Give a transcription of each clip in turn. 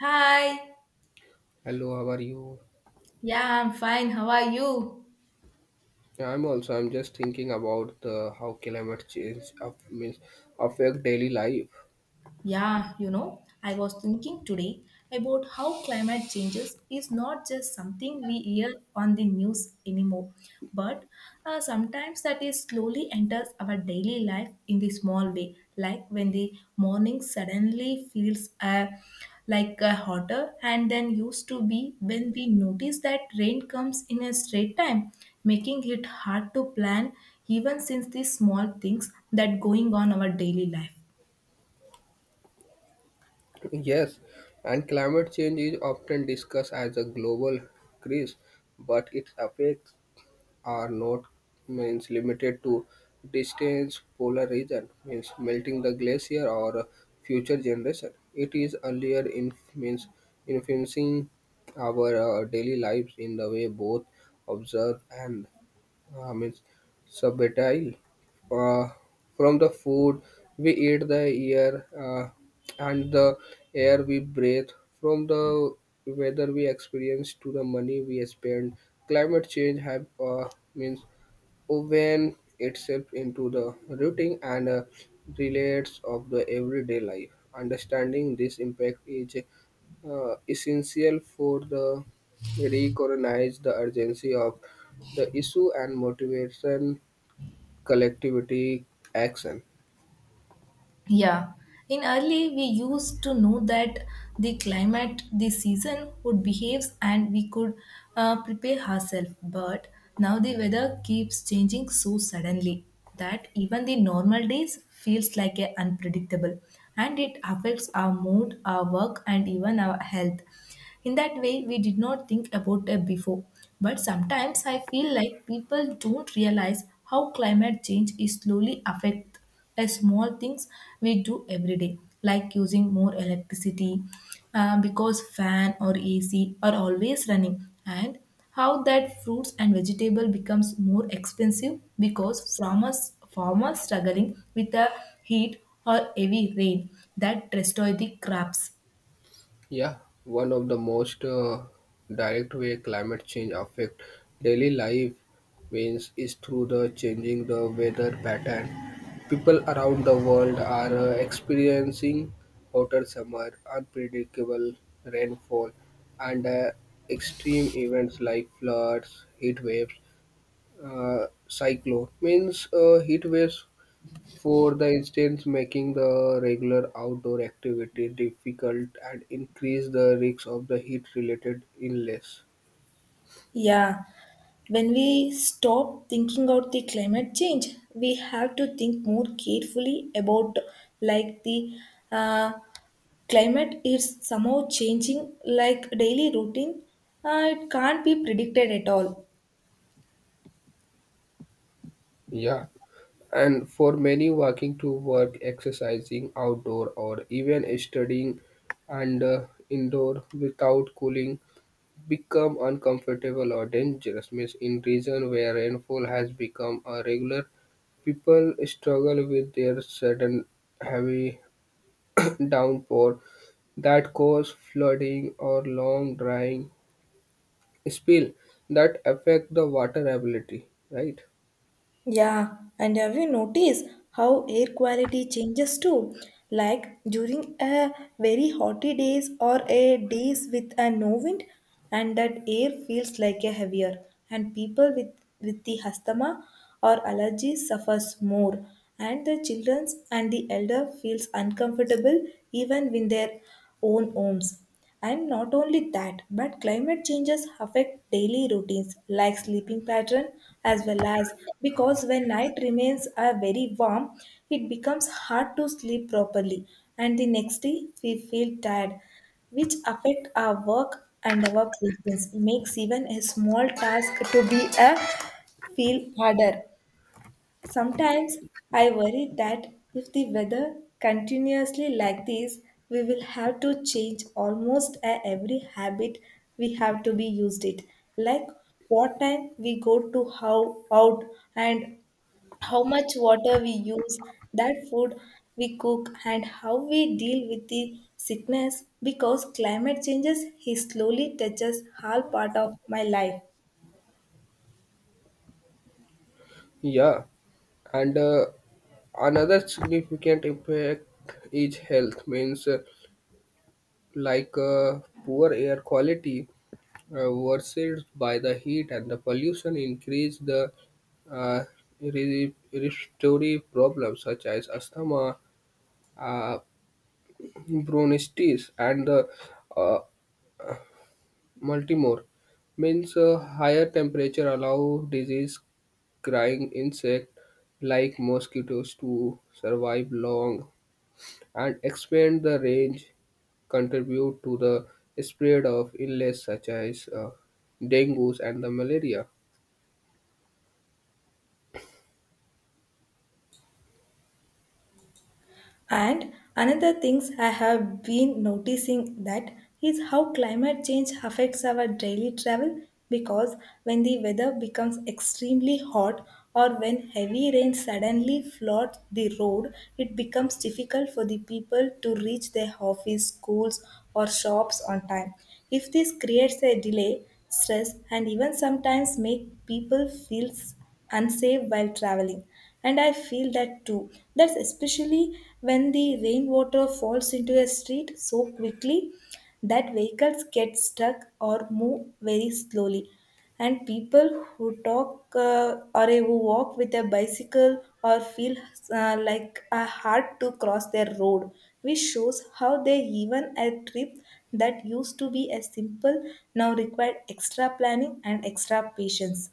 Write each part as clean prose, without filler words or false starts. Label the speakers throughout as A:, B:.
A: Hi.
B: Hello, how are you?
A: Yeah, I'm fine. How are you?
B: Yeah, I'm also. I'm just thinking about the how climate change of, means affect daily life.
A: Yeah, I was thinking today about how climate changes is not just something we hear on the news anymore, but sometimes that is slowly enters our daily life in the small way, like when the morning suddenly feels hotter and then used to be, when we notice that rain comes in a straight time, making it hard to plan even since the small things that going on our daily life.
B: Yes, and climate change is often discussed as a global crisis, but its effects are not means limited to distant polar region means melting the glacier or future generation. It is earlier in means influencing our daily lives in the way both observed and means subetile uh, from the food we eat the air and the air we breathe from the weather we experience to the money we spend climate change have means woven itself into the routine and relates of the everyday life. Understanding this impact is essential for the recognize the urgency of the issue and motivation collectivity action.
A: Yeah, in early we used to know that the climate, the season would behave and we could prepare ourselves. But now the weather keeps changing so suddenly that even the normal days feels like a unpredictable, and it affects our mood, our work and even our health. In that way, we did not think about it before. But sometimes I feel like people don't realize how climate change is slowly affect the small things we do every day, like using more electricity because fan or AC are always running, and how that fruits and vegetable becomes more expensive because farmers struggling with the heat or heavy rain that destroy the crops.
B: Yeah, one of the most direct way climate change affect daily life means is through the changing the weather pattern. People around the world are experiencing hotter summer, unpredictable rainfall, and extreme events like floods, heat waves, cyclone. Means heat waves for the instance, making the regular outdoor activity difficult and increase the risk of the heat-related illness.
A: Yeah, when we stop thinking about the climate change, we have to think more carefully about like the uh, climate is somehow changing like daily routine. It can't be predicted at all.
B: Yeah. And for many walking to work, exercising outdoor or even studying and indoor without cooling become uncomfortable or dangerous means in region where rainfall has become a regular people struggle with their sudden heavy downpour that cause flooding or long drying spill that affect the water ability right.
A: Yeah, and have you noticed how air quality changes too? Like during a very hotty days or a days with a no wind, and that air feels like a heavier, and people with the asthma or allergies suffers more, and the children and the elder feels uncomfortable even in their own homes. And not only that, but climate changes affect daily routines like sleeping pattern as well, as because when night remains are very warm, it becomes hard to sleep properly and the next day we feel tired, which affect our work and our patience, makes even a small task to be a feel harder. Sometimes I worry that if the weather continuously like this, we will have to change almost every habit we have to be used it. Like what time we go to how out, and how much water we use, that food we cook and how we deal with the sickness, because climate changes is slowly touches all part of my life.
B: Yeah, and another significant impact is health means like poor air quality worsened by the heat and the pollution increase the uh, respiratory problems such as asthma, uh, bronchitis, and the uh, Multimore means a higher temperature allow disease crying insect like mosquitoes to survive long and expand the range contribute to the spread of illness such as dengue and the malaria.
A: And another things I have been noticing that is how climate change affects our daily travel, because when the weather becomes extremely hot or when heavy rain suddenly floods the road, it becomes difficult for the people to reach their office, schools or shops on time. If this creates a delay, stress and even sometimes make people feel unsafe. And I feel that too. That's why when the water falls into so quickly that vehicles get stuck or move very slowly. And people who talk or who walk with a bicycle or feel like a hard to cross their road, which shows how they even a trip that used to be a simple now required extra planning and extra patience.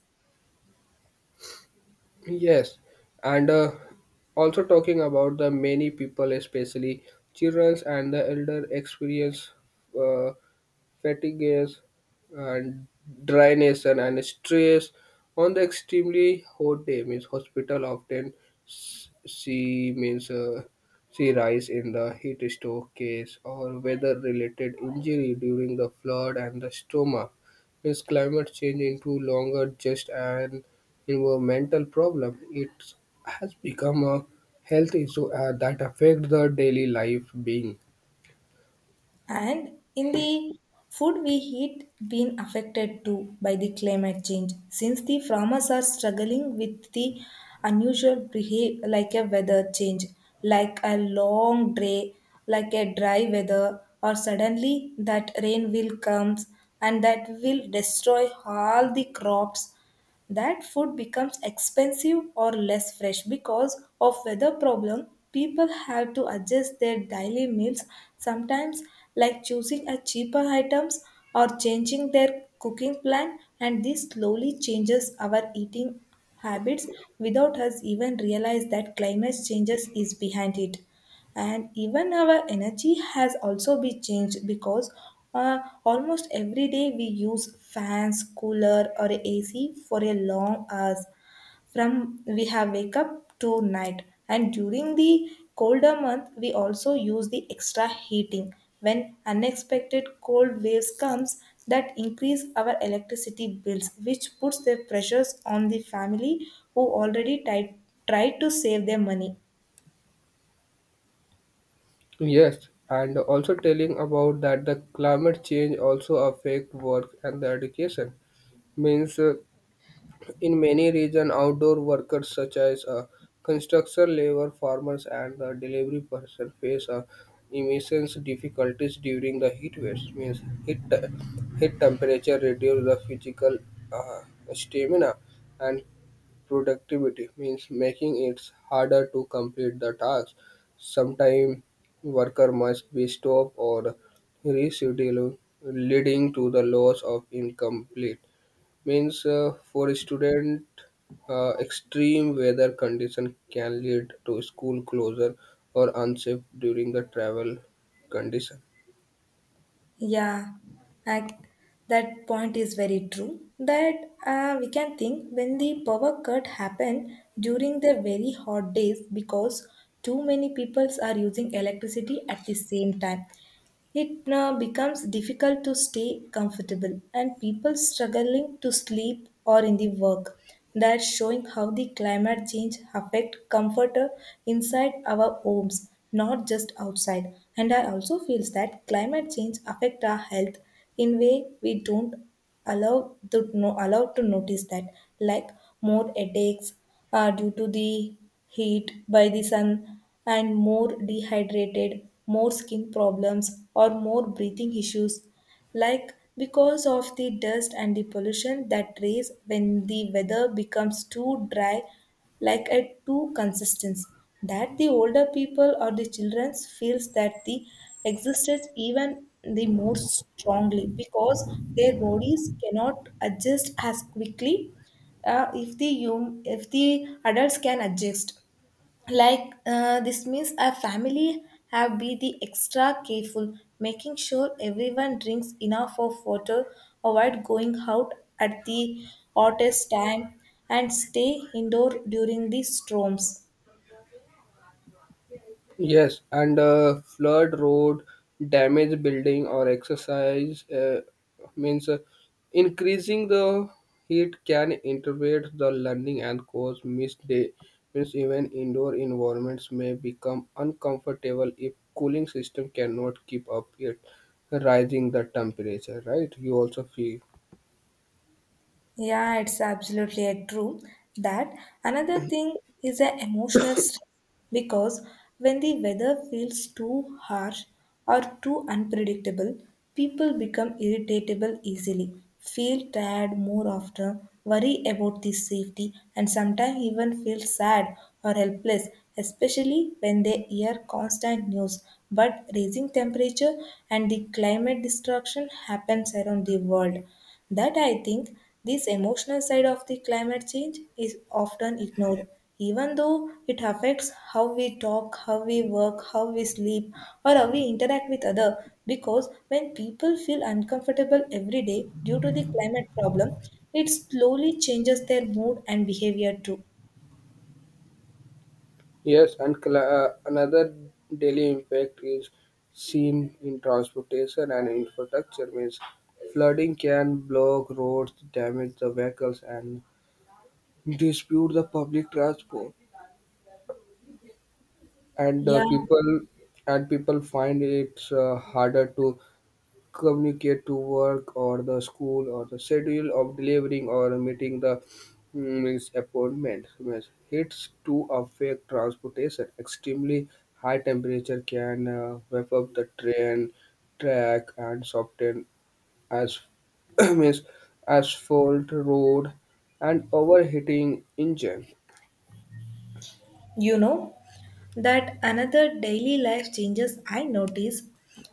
B: Yes, and also talking about the many people, especially children and the elder, experience uh, fatigue and dryness and stress on the extremely hot day. Means hospital often see means see rise in the heat stroke case or weather related injury during the flood and the stoma is climate change into longer just an environmental problem? It has become a health issue that affects the daily life being.
A: And in the food we eat been affected too by the climate change, since the farmers are struggling with the unusual behavior like a weather change, like a long day, like a dry weather, or suddenly that rain will comes and that will destroy all the crops. That food becomes expensive or less fresh because of weather problem. People have to adjust their daily meals sometimes, like choosing a cheaper items or changing their cooking plan, and this slowly changes our eating habits without us even realize that climate changes is behind it. And even our energy has also been changed, because uh, almost every day we use fans, cooler or ac for a long hours from we have wake up to night. And during the colder month we also use the extra heating when unexpected cold waves comes, that increase our electricity bills, which puts their pressures on the family who already tried to save their money.
B: Yes, and also telling about that the climate change also affect work and the education means in many regions, outdoor workers such as construction labor, farmers, and the delivery person face immense difficulties during the heat waves. Means heat temperature reduce the physical uh, stamina and productivity. Means making it harder to complete the task. Sometimes worker must be stopped or rescheduled, leading to the loss of incomplete means for a student extreme weather condition can lead to school closure or unsafe during the travel condition.
A: Yeah, I, that point is very true. That we can think when the power cut happened during the very hot days, because too many peoples are using electricity at the same time. It now becomes difficult to stay comfortable, and people struggling to sleep or in the work. That's showing how the climate change affect comfort inside our homes, not just outside. And I also feels that climate change affect our health in way we don't allow to no, allowed to notice that, like more headaches due to the heat by the sun, and more dehydrated, more skin problems or more breathing issues, like because of the dust and the pollution that raise when the weather becomes too dry, like a too consistence, that the older people or the children feels that the existed even the more strongly, because their bodies cannot adjust as quickly. If the adults can adjust like this, means a family have be the extra careful, making sure everyone drinks enough of water, avoid going out at the hottest time, and stay indoor during the storms.
B: Yes, and flood, road, damage, building, or exercise means increasing the heat can interrupt the learning and cause missed day. Means even indoor environments may become uncomfortable if cooling system cannot keep up it rising the temperature. Right? You also feel.
A: Yeah, it's absolutely a true that another thing is the emotional stress, because when the weather feels too harsh or too unpredictable, people become irritable easily, feel tired more often, worry about the safety, and sometimes even feel sad or helpless, especially when they hear constant news. But raising temperature and the climate destruction happens around the world, that I think this emotional side of the climate change is often ignored, even though it affects how we talk, how we work, how we sleep, or how we interact with others. Because when people feel uncomfortable every day due to the climate problem, it slowly changes their mood and behavior too.
B: Yes, and another daily impact is seen in transportation and infrastructure. Means flooding can block roads, damage the vehicles, and dispute the public transport. And uh,
A: Yeah,
B: people and people find it's harder to communicate to work or the school or the schedule of delivering or meeting the means appointment means hits to affect transportation extremely high temperature can wrap up the train track and soften as means asphalt road and overheating engine.
A: you know, that another daily life changes I notice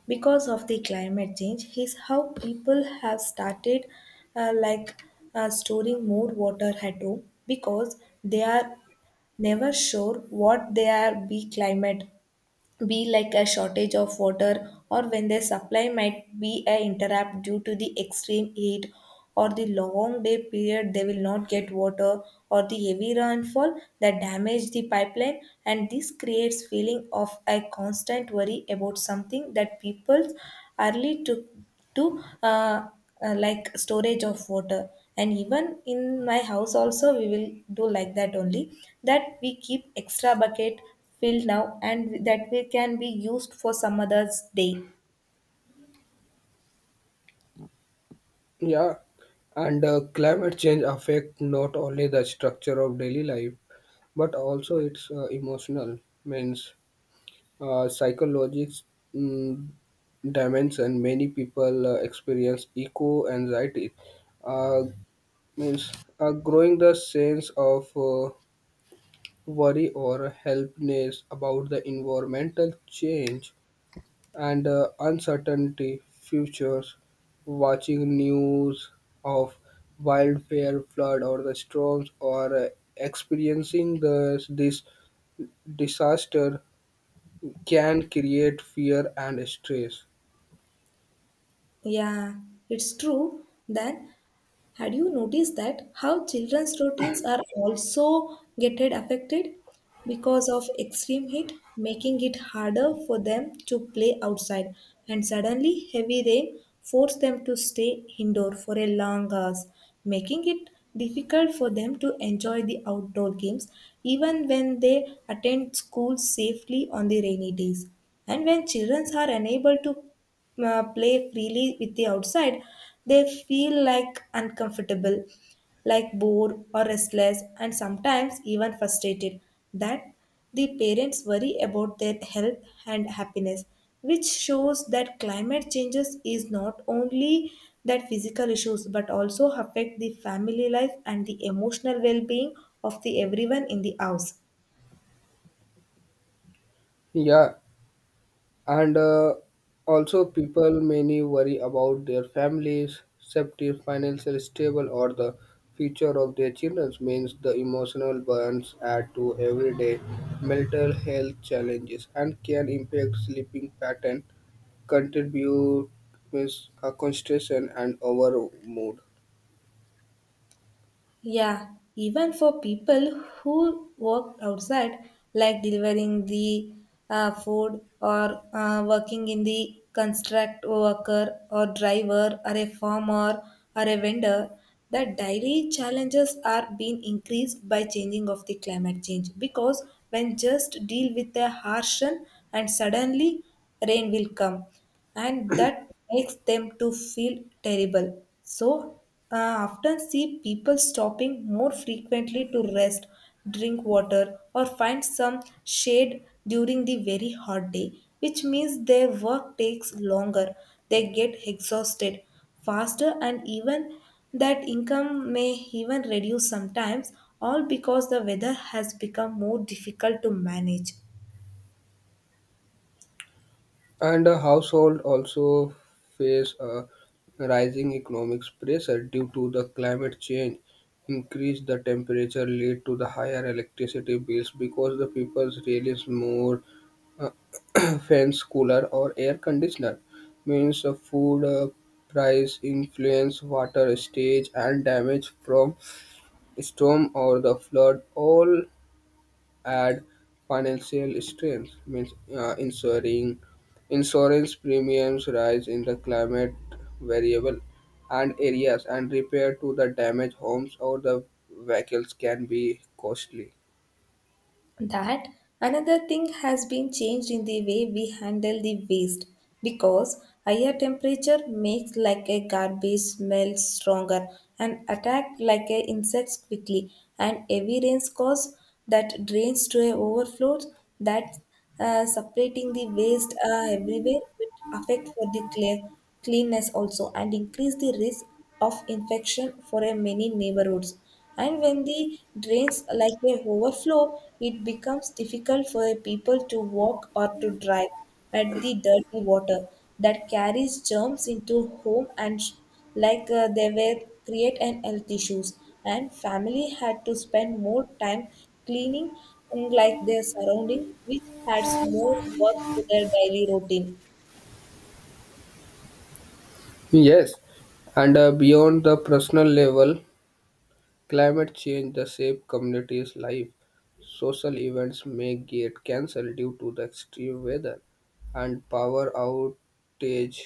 A: because of the climate change is how people have started uh, like storing more water at home, because they are never sure what their be climate be, like a shortage of water, or when their supply might be a interrupt due to the extreme heat, or the long day period they will not get water, or the heavy rainfall that damage the pipeline. And this creates feeling of a constant worry about something that people early took to like storage of water. And even in my house also we will do like that only, that we keep extra bucket filled now and that we can be used for some other's day.
B: Yeah, and climate change affect not only the structure of daily life but also it's emotional means psychologics mm, dimension many people experience eco anxiety, uh, means growing the sense of worry or helplessness about the environmental change and uncertainty futures watching news of wildfire flood or the storms or experiencing this disaster can create fear and stress.
A: Yeah, it's true. Then had you noticed that how children's routines are also getting affected because of extreme heat, making it harder for them to play outside, and suddenly heavy rain forced them to stay indoor for a long hours, making it difficult for them to enjoy the outdoor games even when they attend school safely on the rainy days. And when children are unable to play freely with the outside, they feel like uncomfortable, like bored or restless, and sometimes even frustrated. That the parents worry about their health and happiness, which shows that climate changes is not only that physical issues, but also affect the family life and the emotional well-being of the everyone in the house.
B: Yeah, and also people many worry about their families, safety, financial stable, or the future of their children. Means the emotional burns add to everyday mental health challenges and can impact sleeping pattern, contribute means a concentration and over mood.
A: Yeah, even for people who work outside, like delivering the food or working in the construct worker or driver or a farmer or a vendor, the daily challenges are being increased by changing of the climate change, because when just deal with the harsh and suddenly rain will come, and that makes them to feel terrible. So often see people stopping more frequently to rest, drink water, or find some shade during the very hot day, which means their work takes longer. They get exhausted faster, and even that income may even reduce sometimes, all because the weather has become more difficult to manage.
B: And the household also face a rising economic pressure due to the climate change. Increase the temperature lead to the higher electricity bills because the people really more uh, fans, cooler, or air conditioner. Means the food price influence water stage and damage from storm or the flood all add financial strength means ensuring insurance premiums rise in the climate variable and areas and repair to the damaged homes or the vehicles can be costly.
A: That another thing has been changed in the way we handle the waste, because higher temperature makes like a garbage smell stronger and attack like a insects quickly, and heavy rains cause that drains to a overflow, that separating the waste everywhere, which affect for the clear, cleanness also, and increase the risk of infection for a many neighborhoods. And when the drains like a overflow, it becomes difficult for the people to walk or to drive at the dirty water that carries germs into home and they were create an health issues, and family had to spend more time cleaning and like their surrounding, which adds more work to their daily routine.
B: Yes, and beyond the personal level climate change the shape communities' life. Social events may get cancelled due to the extreme weather, and power outage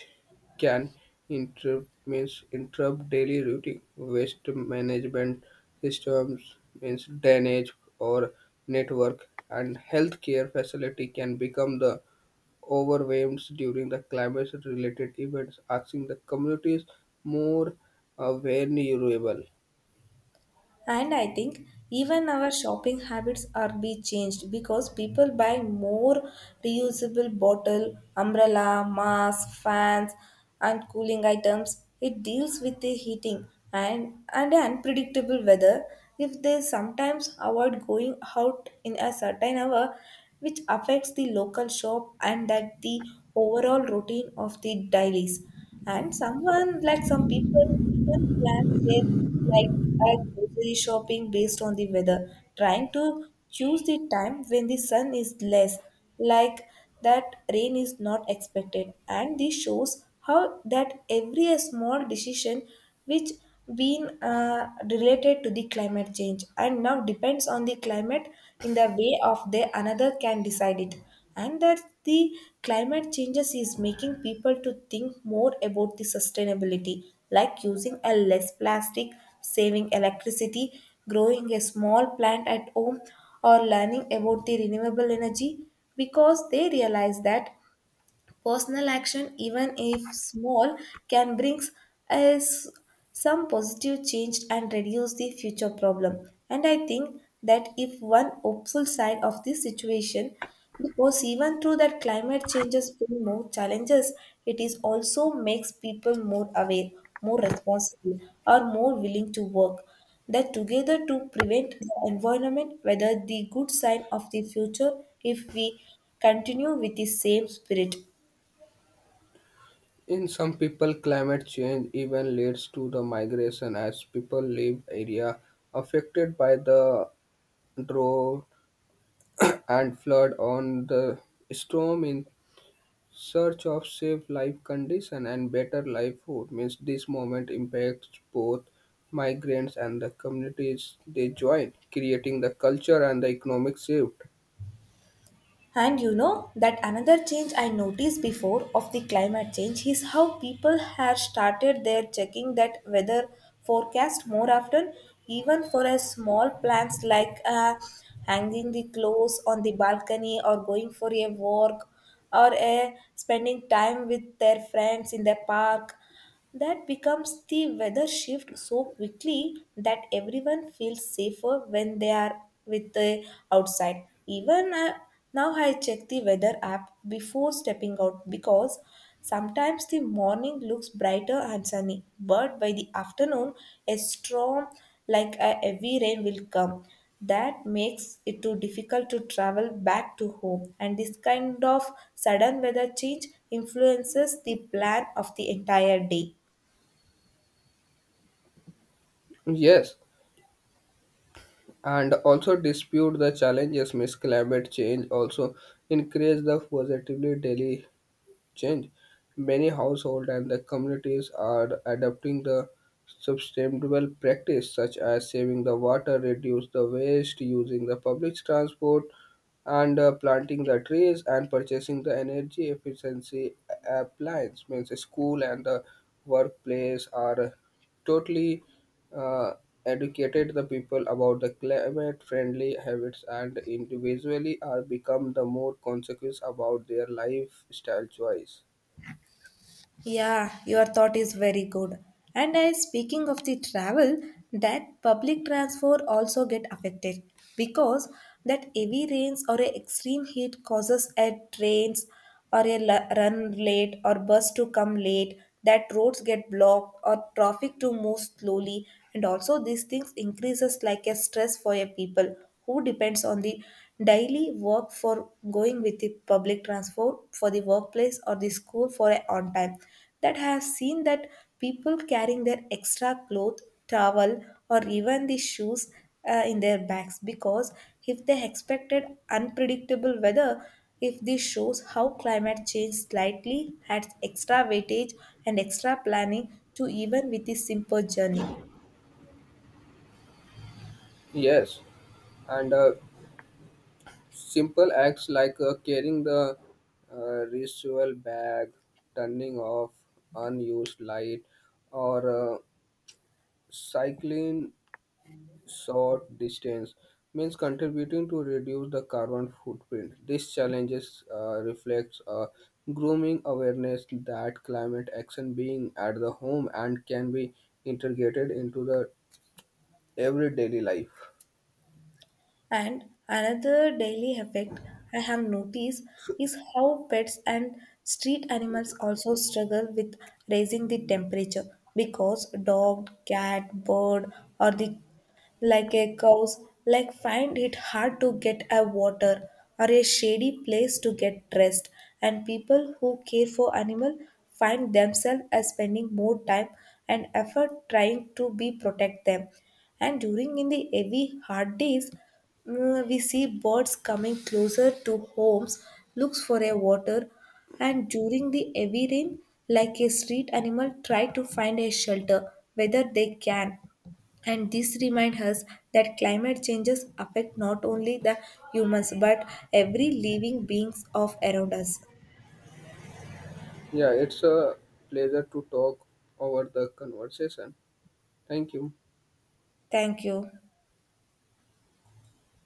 B: can interrupt daily routine. Waste management systems means drainage or network, and healthcare facility can become the overwhelmed during the climate-related events, asking the communities more vulnerable.
A: And I think even our shopping habits are be changed, because people buy more reusable bottle, umbrella, mask, fans, and cooling items. It deals with the heating and unpredictable weather. If they sometimes avoid going out in a certain hour, which affects the local shop and that the overall routine of the dailies. And someone like some people can plan their like at grocery shopping based on the weather, trying to choose the time when the sun is less, like that rain is not expected. And this shows how that every small decision which been related to the climate change and now depends on the climate in the way of the another can decide it and that the climate changes is making people to think more about the sustainability, like using a less plastic, saving electricity, growing a small plant at home, or learning about the renewable energy, because they realize that personal action, even if small, can bring us some positive change and reduce the future problem. And I think that if one hopeful side of this situation, because even through that climate changes bring more challenges, it is also makes people more aware, more responsible, or more willing to work that together to prevent the environment whether the good sign of the future if we continue with the same spirit.
B: In some people, climate change even leads to the migration as people leave area affected by the drought and flood on the storm in search of safe life condition and better life food. Means this moment impacts both migrants and the communities they join, creating the culture and the economic shift.
A: And you know that another change I noticed before of the climate change is how people have started their checking that weather forecast more often, even for a small plans like hanging the clothes on the balcony or going for a walk or a spending time with their friends in the park. That becomes the weather shift so quickly that everyone feels safer when they are with the outside. Even Now, I check the weather app before stepping out because sometimes the morning looks brighter and sunny, but by the afternoon, a storm like a heavy rain will come. That makes it too difficult to travel back to home, and this kind of sudden weather change influences the plan of the entire day.
B: Yes, and also dispute the challenges. Miss climate change also increase the positively daily change. Many households and the communities are adopting the sustainable practice such as saving the water, reduce the waste, using the public transport, and planting the trees and purchasing the energy efficiency appliance means school and the workplace are totally uh, educated the people about the climate friendly habits and individually are become the more conscious about their lifestyle choice.
A: Yeah, your thought is very good. And I speaking of the travel, that public transport also get affected because that heavy rains or a extreme heat causes a trains run late or bus to come late, that roads get blocked or traffic to move slowly, and also these things increases like a stress for a people who depends on the daily work for going with the public transport for the workplace or the school for a on time. That I have seen that people carrying their extra cloth, towel, or even the shoes in their bags because if they expected unpredictable weather, if this shows how climate change slightly adds extra weightage and extra planning to even with the simple journey.
B: Yes, and simple acts like carrying the ritual bag, turning off unused light, or cycling short distance means contributing to reduce the carbon footprint. These challenges reflects a grooming awareness that climate action being at the home and can be integrated into the everyday life.
A: And another daily effect I have noticed is how pets and street animals also struggle with raising the temperature because dog, cat, bird, or the like a cows, like find it hard to get a water or a shady place to get rest. And people who care for animal find themselves as spending more time and effort trying to be protect them. And during in the heavy hard days, Mm, we see birds coming closer to homes looks for a water, and during the heavy rain like a street animal try to find a shelter whether they can, and this reminds us that climate changes affect not only the humans but every living beings of around us.
B: Yeah, it's a pleasure to talk over the conversation. Thank you.
A: Thank you.